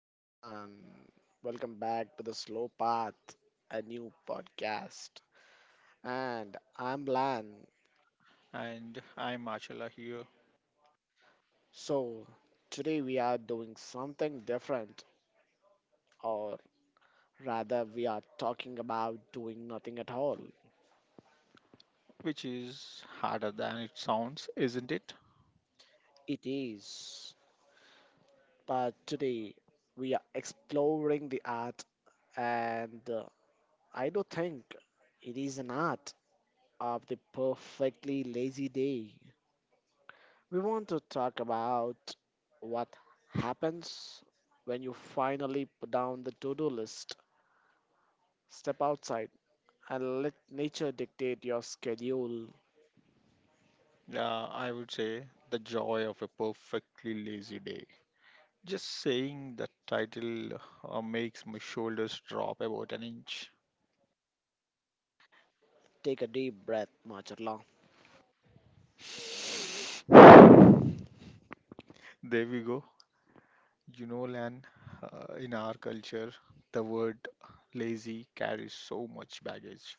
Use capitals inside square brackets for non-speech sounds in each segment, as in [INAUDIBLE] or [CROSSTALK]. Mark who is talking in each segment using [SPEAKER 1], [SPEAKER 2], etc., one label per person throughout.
[SPEAKER 1] everyone. Welcome back to the Slow Path, a new podcast. And I'm Lan.
[SPEAKER 2] And I'm Marcella here,
[SPEAKER 1] So, today we are doing something different, or rather, we are talking about doing nothing at all.
[SPEAKER 2] which is harder than it sounds, isn't it?
[SPEAKER 1] It is. But today we are exploring the art, and I do think it is an art of the perfectly lazy day. We want to talk about what happens when you finally put down the to do list, step outside, and let nature dictate your schedule.
[SPEAKER 2] Yeah, I would say the joy of a perfectly lazy day. Just saying the title makes my shoulders drop about an inch.
[SPEAKER 1] Take a deep breath, Marcella.
[SPEAKER 2] [SIGHS] There we go. You know, Lan, in our culture, the word lazy carries so much baggage.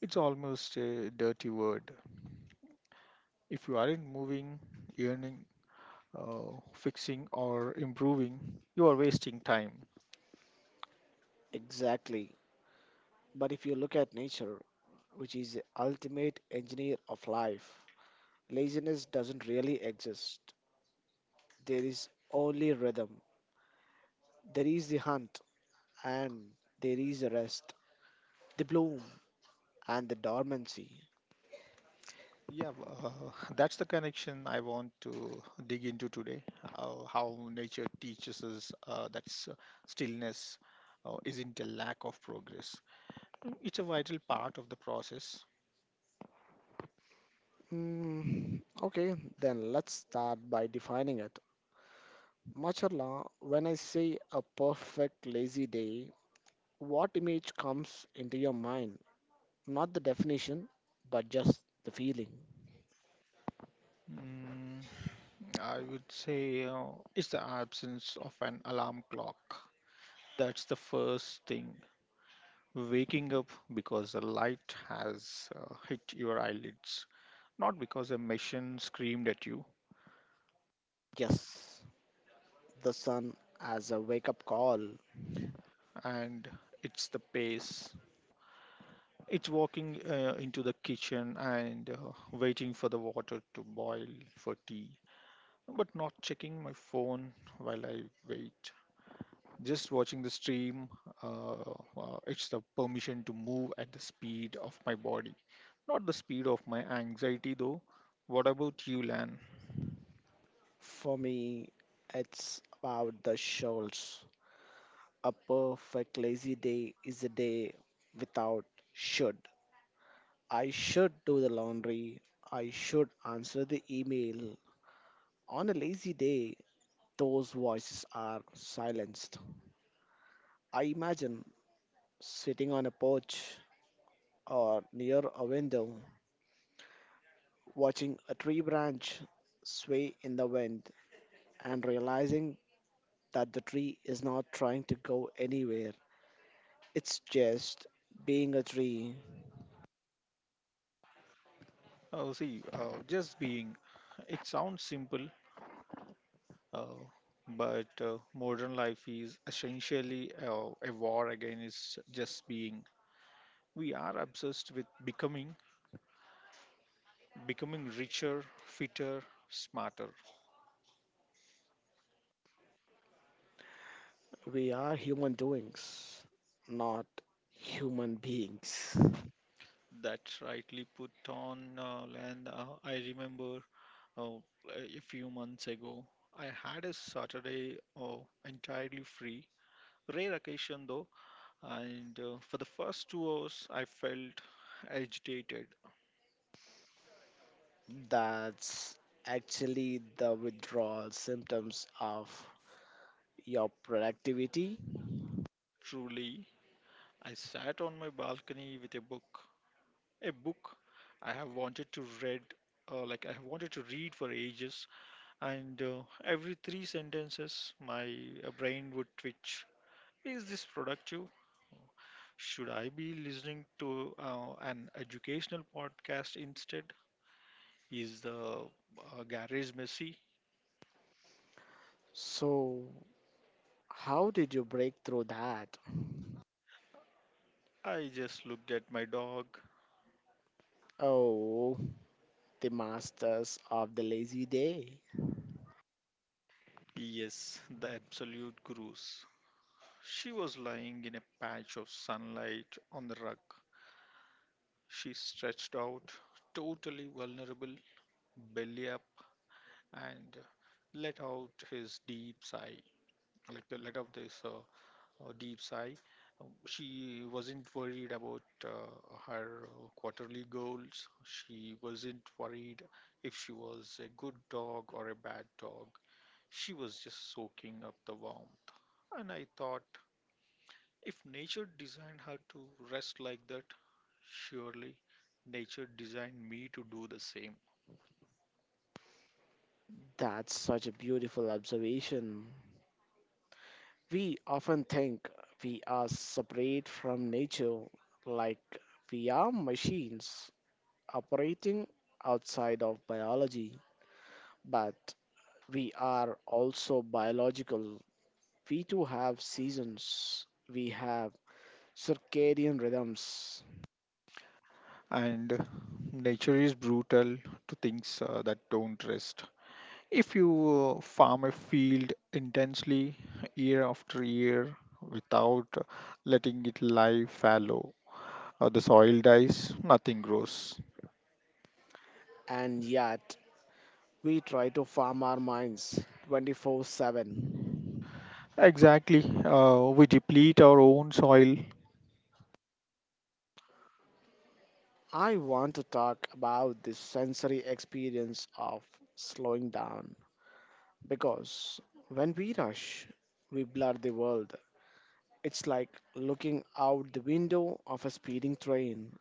[SPEAKER 2] It's almost a dirty word. If you aren't moving, earning, fixing or improving, you are wasting time.
[SPEAKER 1] Exactly. But if you look at nature, which is the ultimate engineer of life, laziness doesn't really exist. There is only rhythm. There is the hunt, and there is the rest, the bloom, and the dormancy.
[SPEAKER 2] Yeah, well, [LAUGHS] that's the connection I want to dig into today. How nature teaches us that stillness isn't a lack of progress, it's a vital part of the process.
[SPEAKER 1] Mm, okay, then let's start by defining it. Macharla, when I say a perfect lazy day, what image comes into your mind? Not the definition, but just the feeling.
[SPEAKER 2] Mm, I would say it's the absence of an alarm clock. That's the first thing waking up because the light has hit your eyelids, not because a machine screamed at you.
[SPEAKER 1] Yes, the sun as a wake up call.
[SPEAKER 2] And it's the pace. It's walking into the kitchen and waiting for the water to boil for tea, but not checking my phone while I wait. Just watching the stream. Uh, it's the permission to move at the speed of my body, not the speed of my anxiety, though. What about you, Lan?
[SPEAKER 1] For me, it's about the shoals. A perfect lazy day is a day without should. I should do the laundry. I should answer the email. On a lazy day, those voices are silenced. I imagine sitting on a porch or near a window, watching a tree branch sway in the wind and realizing that the tree is not trying to go anywhere. It's just being a tree.
[SPEAKER 2] Oh, see, just being, it sounds simple, uh, but modern life is essentially a war against just being. We are obsessed with becoming, becoming richer, fitter, smarter.
[SPEAKER 1] We are human doings, not human beings.
[SPEAKER 2] That's rightly put on, and I remember uh, a few months ago, I had a Saturday entirely free, rare occasion though. And for the first 2 hours, I felt agitated.
[SPEAKER 1] That's actually the withdrawal symptoms of your productivity.
[SPEAKER 2] Truly, I sat on my balcony with a book I have wanted to read, like I have wanted to read for ages. And every three sentences, my brain would twitch. Is this productive? Should I be listening to an educational podcast instead? Is the garage messy?
[SPEAKER 1] So, how did you break through that?
[SPEAKER 2] I just looked at my dog.
[SPEAKER 1] Oh, the masters of the lazy day.
[SPEAKER 2] Yes, the absolute gurus. She was lying in a patch of sunlight on the rug. She stretched out, totally vulnerable, belly up, and let out his deep sigh. Like the let out this deep sigh. She wasn't worried about her quarterly goals. She wasn't worried if she was a good dog or a bad dog. She was just soaking up the warmth, and I thought, if nature designed her to rest like that, surely nature designed me to do the same.
[SPEAKER 1] That's such a beautiful observation. We often think we are separate from nature, like we are machines operating outside of biology, but we are also biological. We too have seasons, we have circadian rhythms,
[SPEAKER 2] And nature is brutal to things that don't rest. If you farm a field intensely year after year without letting it lie fallow, the soil dies, nothing grows.
[SPEAKER 1] and yet we try to farm our minds 24 7.
[SPEAKER 2] Exactly. We deplete our own soil.
[SPEAKER 1] I want to talk about the sensory experience of slowing down because when we rush, we blur the world. It's like looking out the window of a speeding train,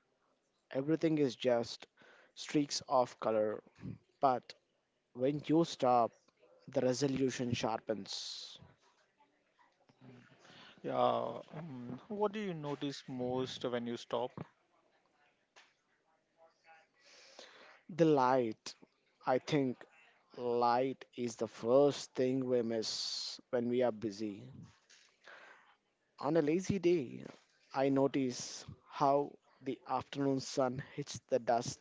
[SPEAKER 1] everything is just streaks of color. But when you stop, the resolution sharpens.
[SPEAKER 2] Yeah. What do you notice most when you stop?
[SPEAKER 1] The light, I think, light is the first thing we miss when we are busy. On a lazy day, I notice how the afternoon sun hits the dust,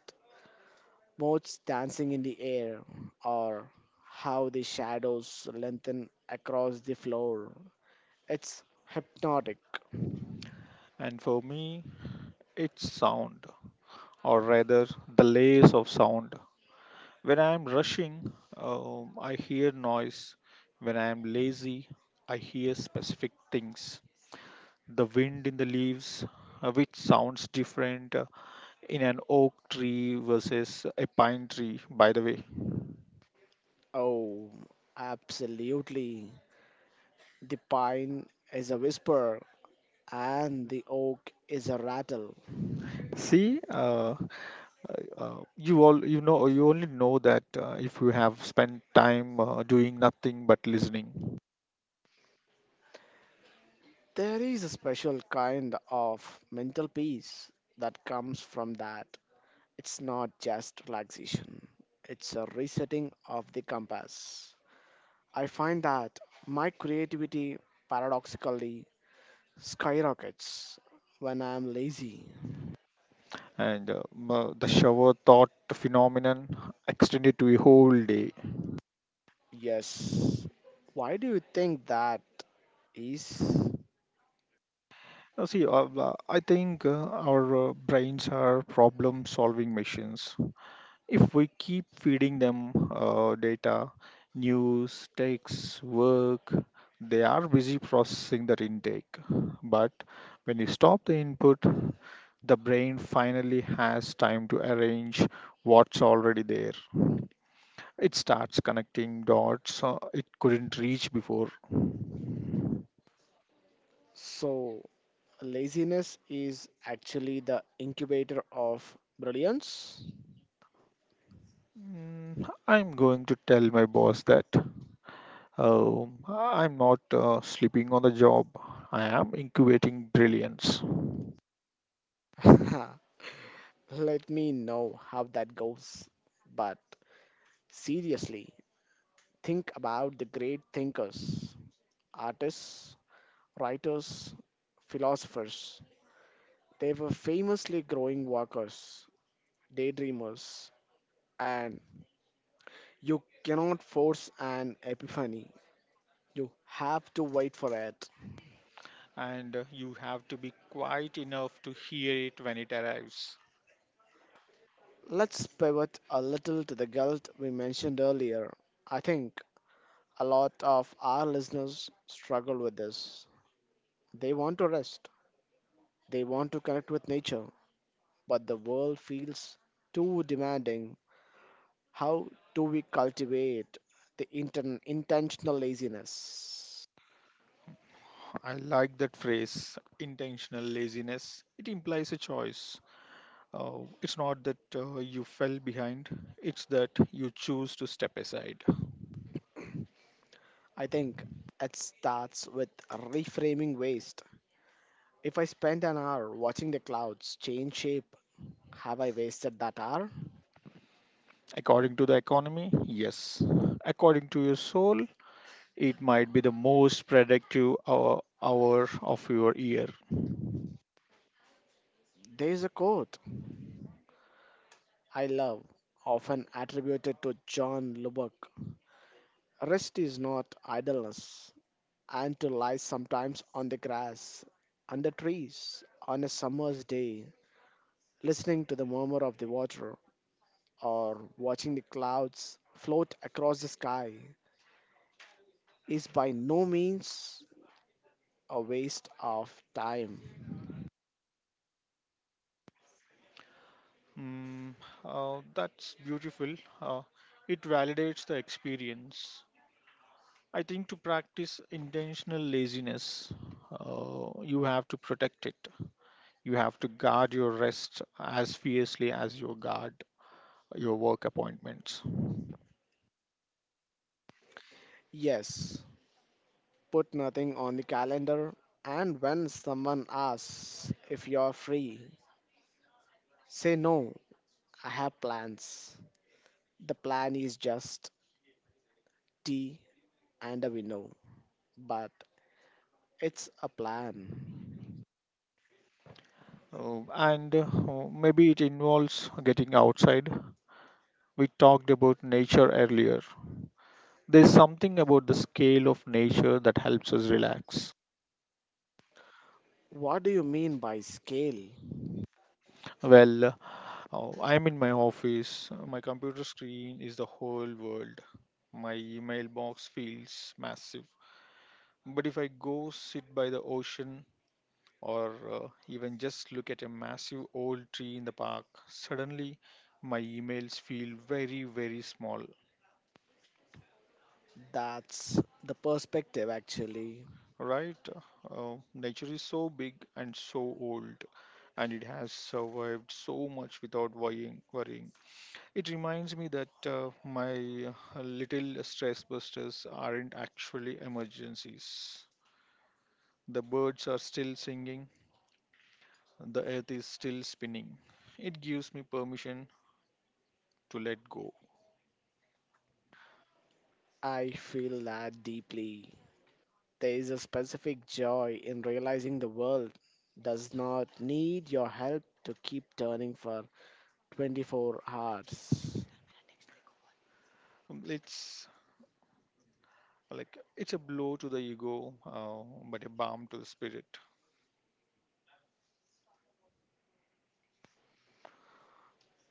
[SPEAKER 1] motes dancing in the air, or how the shadows lengthen across the floor. It's hypnotic.
[SPEAKER 2] And for me, it's sound, or rather, the layers of sound. When I am rushing, I hear noise. When I am lazy, I hear specific things. The wind in the leaves, which sounds different in an oak tree versus a pine tree, by the way.
[SPEAKER 1] Oh, absolutely. The pine is a whisper, and the oak is a rattle.
[SPEAKER 2] See, you only know that if you have spent time doing nothing but listening.
[SPEAKER 1] There is a special kind of mental peace that comes from that. It's not just relaxation, it's a resetting of the compass. I find that my creativity paradoxically skyrockets when I am lazy.
[SPEAKER 2] And the shower thought phenomenon extended to a whole day.
[SPEAKER 1] Yes. Why do you think that is?
[SPEAKER 2] See, I think our brains are problem solving machines. If we keep feeding them data, news, texts, work, they are busy processing that intake. But when you stop the input, the brain finally has time to arrange what's already there. It starts connecting dots it couldn't reach before.
[SPEAKER 1] So, laziness is actually the incubator of brilliance?
[SPEAKER 2] I'm going to tell my boss that I'm not sleeping on the job. I am incubating brilliance.
[SPEAKER 1] [LAUGHS] Let me know how that goes. But seriously, think about the great thinkers, artists, writers, philosophers. They were famously growing workers, daydreamers, and you cannot force an epiphany. You have to wait for it.
[SPEAKER 2] And you have to be quiet enough to hear it when it arrives.
[SPEAKER 1] Let's pivot a little to the guilt we mentioned earlier. I think a lot of our listeners struggle with this. They want to rest. They want to connect with nature, but the world feels too demanding. How do we cultivate the intentional laziness?
[SPEAKER 2] I like that phrase, intentional laziness. It implies a choice. It's not that you fell behind, it's that you choose to step aside.
[SPEAKER 1] I think it starts with reframing waste. If I spend an hour watching the clouds change shape, have I wasted that hour?
[SPEAKER 2] According to the economy, yes. According to your soul, it might be the most productive hour of your year.
[SPEAKER 1] There's a quote I love, often attributed to John Lubbock. Rest is not idleness, and to lie sometimes on the grass, under trees, on a summer's day, listening to the murmur of the water or watching the clouds float across the sky is by no means a waste of time.
[SPEAKER 2] Mm, that's beautiful. Uh, it validates the experience. I think to practice intentional laziness, you have to protect it. You have to guard your rest as fiercely as you guard your work appointments.
[SPEAKER 1] Yes, put nothing on the calendar, and when someone asks if you're free, say no, I have plans. The plan is just tea and a window, but it's a plan.
[SPEAKER 2] And maybe it involves getting outside. We talked about nature earlier. There's something about the scale of nature that helps us relax.
[SPEAKER 1] What do you mean by scale?
[SPEAKER 2] Well, I'm in my office. My computer screen is the whole world. My email box feels massive. But if I go sit by the ocean or even just look at a massive old tree in the park, suddenly my emails feel very, very small.
[SPEAKER 1] That's the perspective, actually.
[SPEAKER 2] Right? Nature is so big and so old, and it has survived so much without worrying. It reminds me that my little stress busters aren't actually emergencies. The birds are still singing, the earth is still spinning. It gives me permission to let go.
[SPEAKER 1] I feel that deeply. There is a specific joy in realizing the world does not need your help to keep turning for 24 hours.
[SPEAKER 2] It's like it's a blow to the ego, but a balm to the spirit.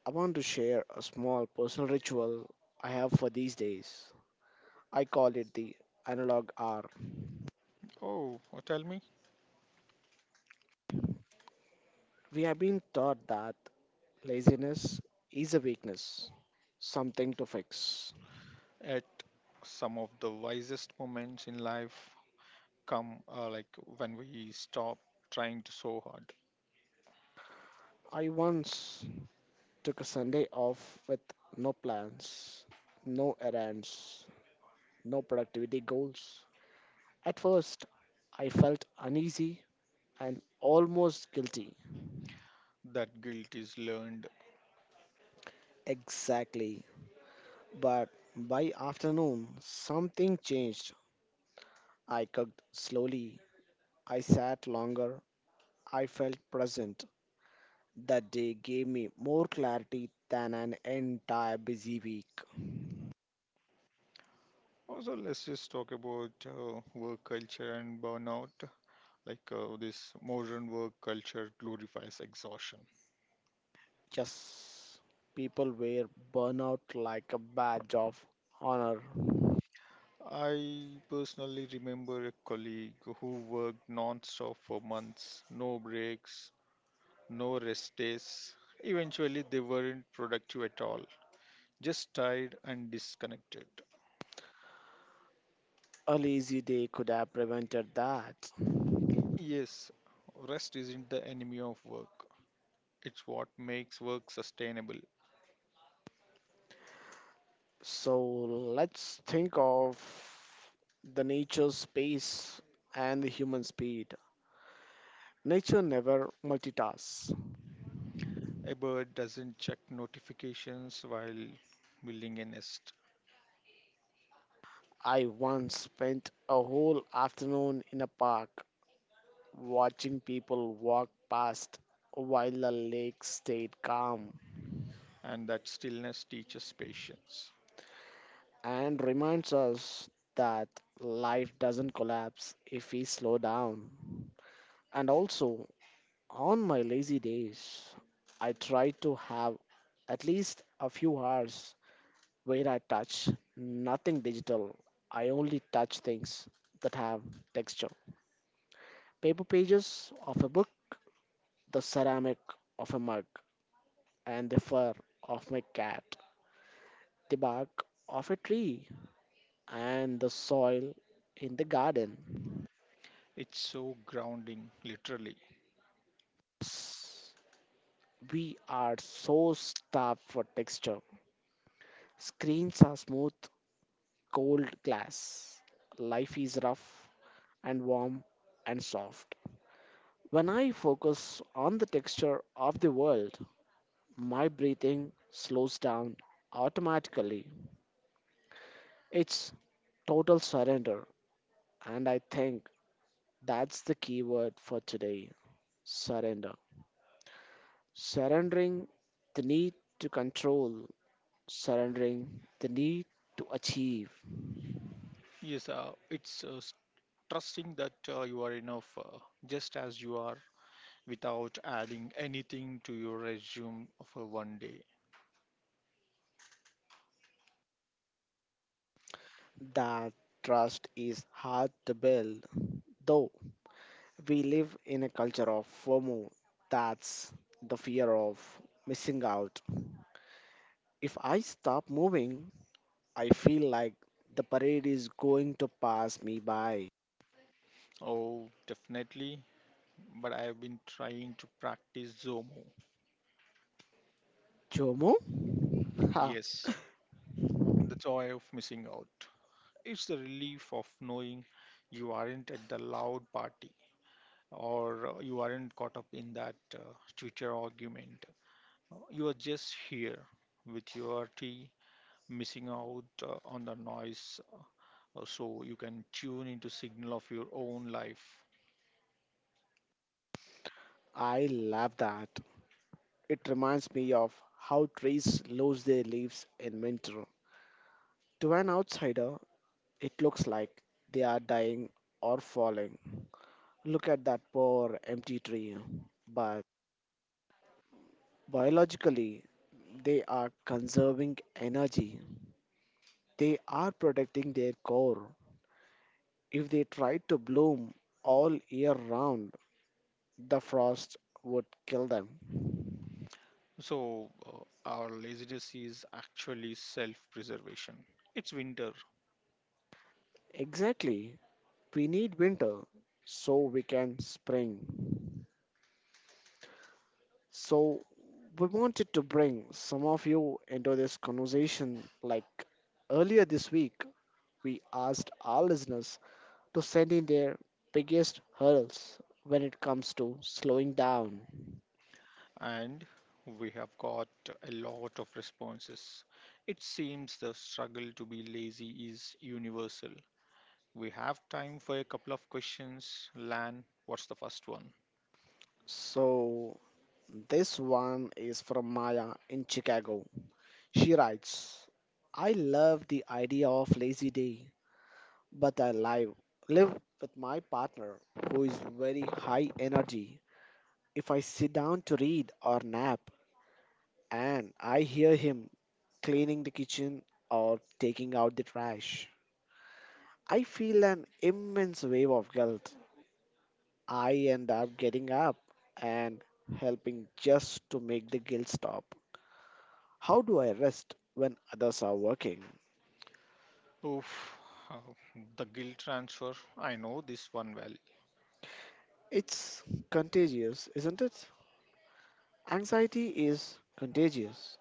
[SPEAKER 1] I want to share a small personal ritual I have for these days. I call it the analog hour.
[SPEAKER 2] Oh, tell me,
[SPEAKER 1] We have been taught that laziness is a weakness, something to fix.
[SPEAKER 2] at some of the wisest moments in life come like when we stop trying to so hard.
[SPEAKER 1] I once took a Sunday off with no plans, no errands, no productivity goals. At first, I felt uneasy and almost guilty.
[SPEAKER 2] That guilt is learned.
[SPEAKER 1] Exactly. But by afternoon, something changed. I cooked slowly. I sat longer. I felt present. That day gave me more clarity than an entire busy week.
[SPEAKER 2] Also, let's just talk about work culture and burnout. Like this modern work culture glorifies exhaustion.
[SPEAKER 1] Yes, people wear burnout like a badge of honor.
[SPEAKER 2] I personally remember a colleague who worked non-stop for months, no breaks, no rest days. Eventually, they weren't productive at all, just tired and disconnected.
[SPEAKER 1] A lazy day could have prevented that.
[SPEAKER 2] Yes, rest isn't the enemy of work. It's what makes work sustainable.
[SPEAKER 1] So let's think of the nature's space and the human speed. Nature never multitasks.
[SPEAKER 2] A bird doesn't check notifications while building a nest,
[SPEAKER 1] I once spent a whole afternoon in a park watching people walk past while the lake stayed calm.
[SPEAKER 2] and that stillness teaches patience.
[SPEAKER 1] And reminds us that life doesn't collapse if we slow down. And also, on my lazy days, I try to have at least a few hours where I touch nothing digital. I only touch things that have texture. Paper pages of a book, the ceramic of a mug, and the fur of my cat, the bark of a tree, and the soil in the garden.
[SPEAKER 2] It's so grounding, literally.
[SPEAKER 1] We are so starved for texture. Screens are smooth, cold glass. Life is rough and warm and soft. When I focus on the texture of the world, my breathing slows down automatically. It's total surrender, and I think that's the key word for today: surrender. Surrendering the need to control, surrendering the need to achieve.
[SPEAKER 2] Yes, trusting that you are enough just as you are without adding anything to your resume for one day.
[SPEAKER 1] That trust is hard to build, though. We live in a culture of FOMO. That's the fear of missing out. If I stop moving, I feel like the parade is going to pass me by.
[SPEAKER 2] Oh, definitely, but I've been trying to practice Zomo.
[SPEAKER 1] Jomo? [LAUGHS] Ha,
[SPEAKER 2] Yes, the joy of missing out. It's the relief of knowing you aren't at the loud party or you aren't caught up in that Twitter argument. You are just here with your tea, missing out on the noise, so you can tune into signal of your own life.
[SPEAKER 1] I love that. It reminds me of how trees lose their leaves in winter. To an outsider, it looks like they are dying or falling. Look at that poor empty tree. But biologically, they are conserving energy. They are protecting their core. If they tried to bloom all year round, the frost would kill them.
[SPEAKER 2] So our laziness is actually self-preservation. It's winter,
[SPEAKER 1] Exactly. We need winter so we can spring. So we wanted to bring some of you into this conversation. Like earlier this week we asked our listeners to send in their biggest hurdles when it comes to slowing down.
[SPEAKER 2] and we have got a lot of responses. It seems the struggle to be lazy is universal. We have time for a couple of questions. Lan, what's the first one?
[SPEAKER 1] So, this one is from Maya in Chicago. She writes, I love the idea of lazy day, but I live, live with my partner who is very high energy. If I sit down to read or nap and I hear him cleaning the kitchen or taking out the trash, I feel an immense wave of guilt. I end up getting up and helping just to make the guilt stop. How do I rest when others are working?
[SPEAKER 2] Oof, uh, the guilt transfer. I know this one well.
[SPEAKER 1] It's contagious, isn't it? Anxiety is contagious.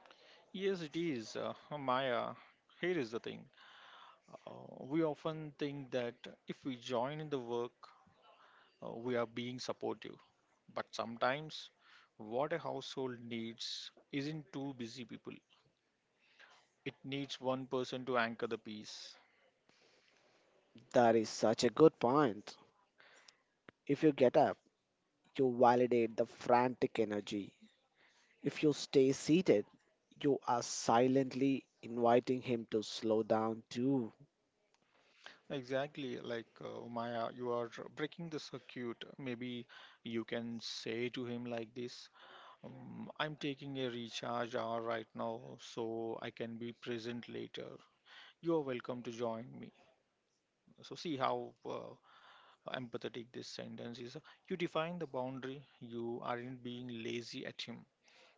[SPEAKER 2] Yes, it is. Maya, here is the thing. Uh, we often think that if we join in the work, we are being supportive. But sometimes, what a household needs isn't two busy people, it needs one person to anchor the peace.
[SPEAKER 1] That is such a good point. If you get up, you validate the frantic energy. If you stay seated, you are silently inviting him to slow down too.
[SPEAKER 2] Exactly, like Maya, you are breaking the circuit. Maybe you can say to him like this, I'm taking a recharge hour right now, so I can be present later. You're welcome to join me. So, see how empathetic this sentence is. You define the boundary, you aren't being lazy at him,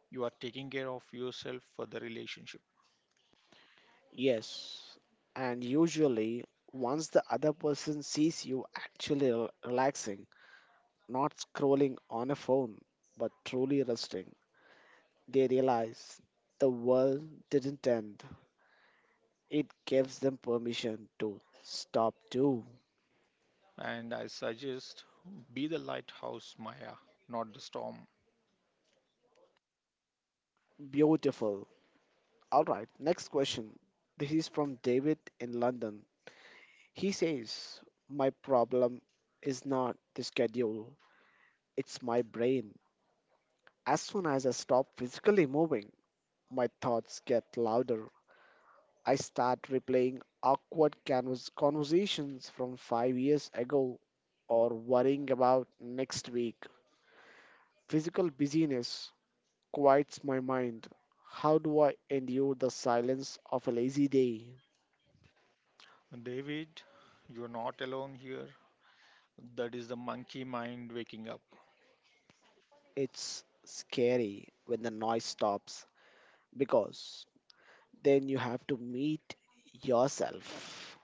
[SPEAKER 2] you are taking care of yourself for the relationship.
[SPEAKER 1] Yes, and usually once the other person sees you actually relaxing, not scrolling on a phone, but truly resting, they realize the world didn't end. It gives them permission to stop too.
[SPEAKER 2] And I suggest be the lighthouse, Maya, not the storm.
[SPEAKER 1] Beautiful. All right, next question. This is from David in London. He says, my problem is not the schedule, it's my brain. As soon as I stop physically moving, my thoughts get louder. I start replaying awkward canvas conversations from 5 years ago or worrying about next week. Physical busyness quiets my mind. How do I endure the silence of a lazy day?
[SPEAKER 2] David, you're not alone here. That is the monkey mind waking up.
[SPEAKER 1] It's scary when the noise stops because then you have to meet yourself.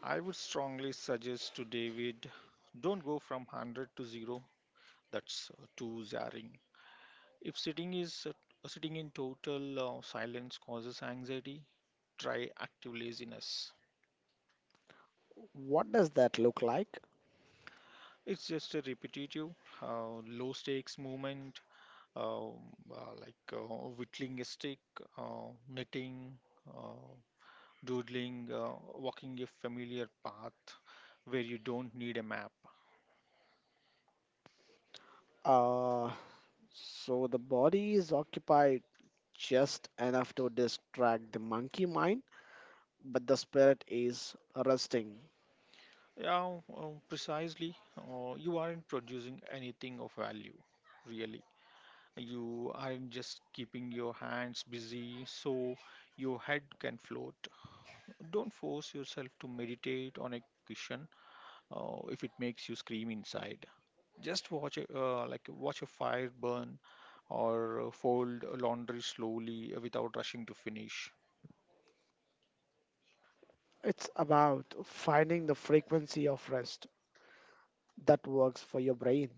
[SPEAKER 2] I would strongly suggest to David, don't go from 100 to 0. That's too jarring. If sitting in total silence causes anxiety, try active laziness.
[SPEAKER 1] What does that look like?
[SPEAKER 2] It's just a repetitive, low stakes movement, um, like whittling a stick, knitting, uh, doodling, walking a familiar path where you don't need a map.
[SPEAKER 1] Uh, so the body is occupied just enough to distract the monkey mind, but the spirit is resting.
[SPEAKER 2] Yeah, precisely. You aren't producing anything of value, really. You aren't just keeping your hands busy so your head can float. Don't force yourself to meditate on a cushion if it makes you scream inside. Just watch, like watch a fire burn, or fold laundry slowly without rushing to finish.
[SPEAKER 1] It's about finding the frequency of rest that works for your brain.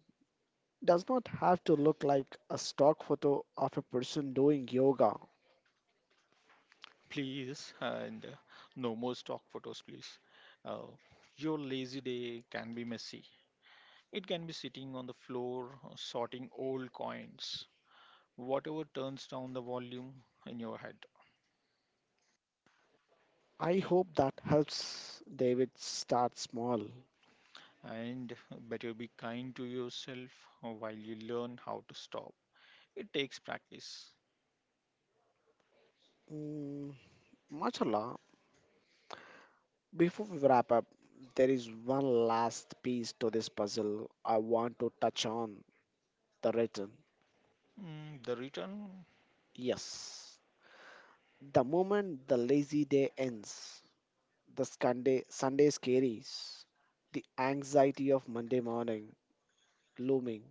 [SPEAKER 1] Does not have to look like a stock photo of a person doing yoga.
[SPEAKER 2] Please, and no more stock photos, please. Uh, your lazy day can be messy. It can be sitting on the floor, sorting old coins, whatever turns down the volume in your head.
[SPEAKER 1] I hope that helps David start small.
[SPEAKER 2] And better be kind to yourself while you learn how to stop. It takes practice.
[SPEAKER 1] Mm, mashallah, before we wrap up, there is one last piece to this puzzle I want to touch on: the return.
[SPEAKER 2] The return,
[SPEAKER 1] Yes. The moment the lazy day ends, the Sunday, Sunday scaries, the anxiety of Monday morning looming.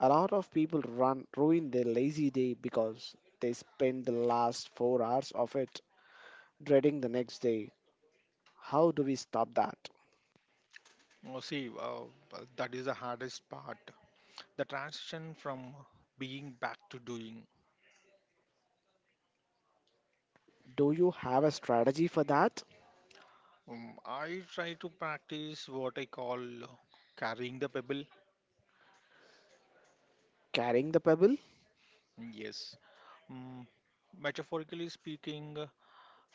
[SPEAKER 1] A lot of people run ruin their lazy day because they spend the last 4 hours of it dreading the next day. How do we stop that?
[SPEAKER 2] oh, see, that is the hardest part. The transition from being back to doing.
[SPEAKER 1] Do you have a strategy for that?
[SPEAKER 2] I try to practice what I call carrying the pebble.
[SPEAKER 1] Carrying the pebble?
[SPEAKER 2] Yes. Um, metaphorically speaking,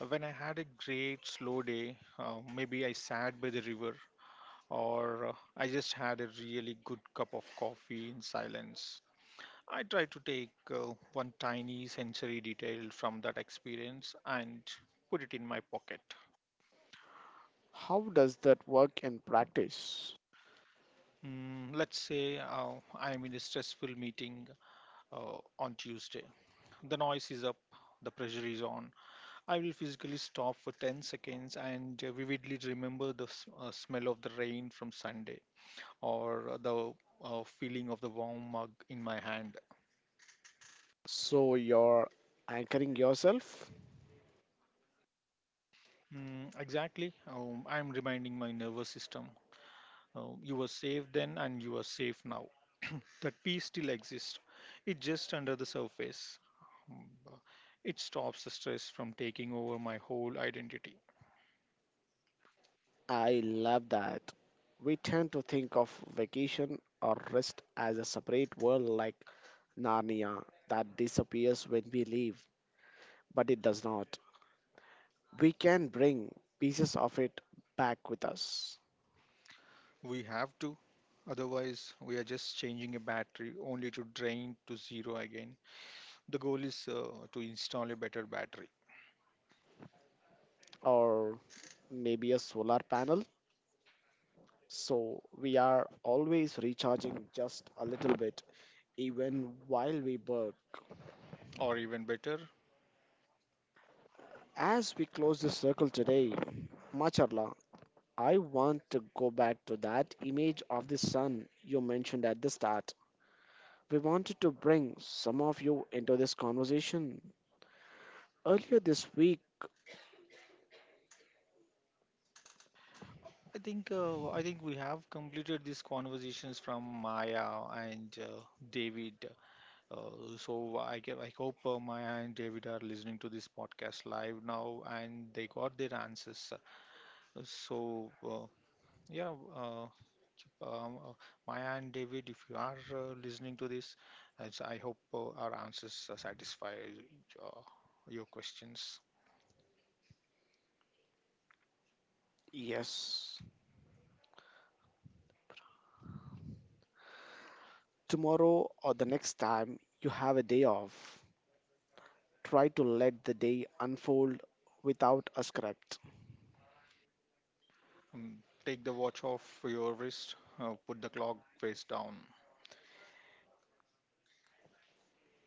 [SPEAKER 2] when I had a great slow day, maybe I sat by the river or I just had a really good cup of coffee in silence. I try to take one tiny sensory detail from that experience and put it in my pocket.
[SPEAKER 1] How does that work in practice?
[SPEAKER 2] Let's say I'm in a stressful meeting on Tuesday. The noise is up, the pressure is on. I will physically stop for 10 seconds and vividly remember the smell of the rain from Sunday or the feeling of the warm mug in my hand.
[SPEAKER 1] So you're anchoring yourself.
[SPEAKER 2] Exactly. I'm reminding my nervous system you were safe then and you are safe now. [CLEARS THROAT] That peace still exists, it's just under the surface. Um, It stops the stress from taking over my whole identity.
[SPEAKER 1] I love that. We tend to think of vacation or rest as a separate world like Narnia that disappears when we leave, but it does not. We can bring pieces of it back with us,
[SPEAKER 2] We have to. Otherwise, we are just changing a battery only to drain to zero again. The goal is to install a better battery,
[SPEAKER 1] or maybe a solar panel. So we are always recharging just a little bit, even while we work.
[SPEAKER 2] or even better.
[SPEAKER 1] As we close this circle today, Macharla, I want to go back to that image of the sun you mentioned at the start. We wanted to bring some of you into this conversation. Earlier this week,
[SPEAKER 2] I think we have completed these conversations from Maya and David. So I hope Maya and David are listening to this podcast live now, and they got their answers. So Yeah, uh, um, uh, Maya and David, if you are listening to this, as I hope our answers satisfy uh, your questions.
[SPEAKER 1] yes, tomorrow or the next time you have a day off, try to let the day unfold without a script.
[SPEAKER 2] Mm, Take the watch off your wrist, put the clock face down,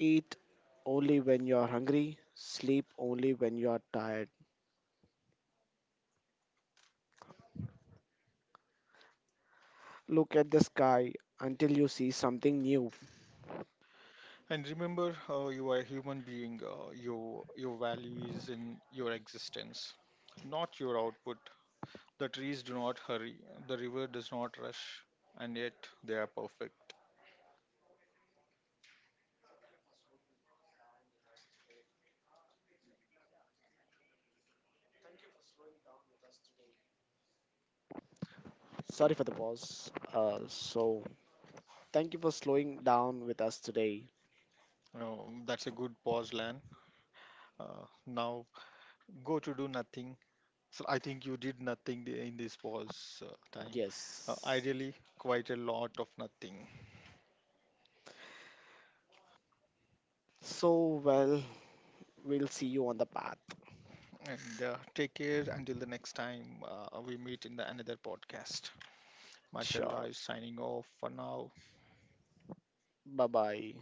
[SPEAKER 1] Eat only when you are hungry, sleep only when you are tired. Look at the sky until you see something new.
[SPEAKER 2] and remember you are a human being. Your value is in your existence, not your output. The trees do not hurry, the river does not rush, and yet they are perfect.
[SPEAKER 1] Sorry for the pause. Thank you for slowing down with us today.
[SPEAKER 2] That's a good pause, Lan. Now go to do nothing. So I think you did nothing in this pause time.
[SPEAKER 1] Yes.
[SPEAKER 2] Ideally, quite a lot of nothing.
[SPEAKER 1] So, well, we'll see you on the path.
[SPEAKER 2] And take care until the next time we meet in the another podcast. Mashallah
[SPEAKER 1] Sure.
[SPEAKER 2] is signing off for now.
[SPEAKER 1] Bye bye.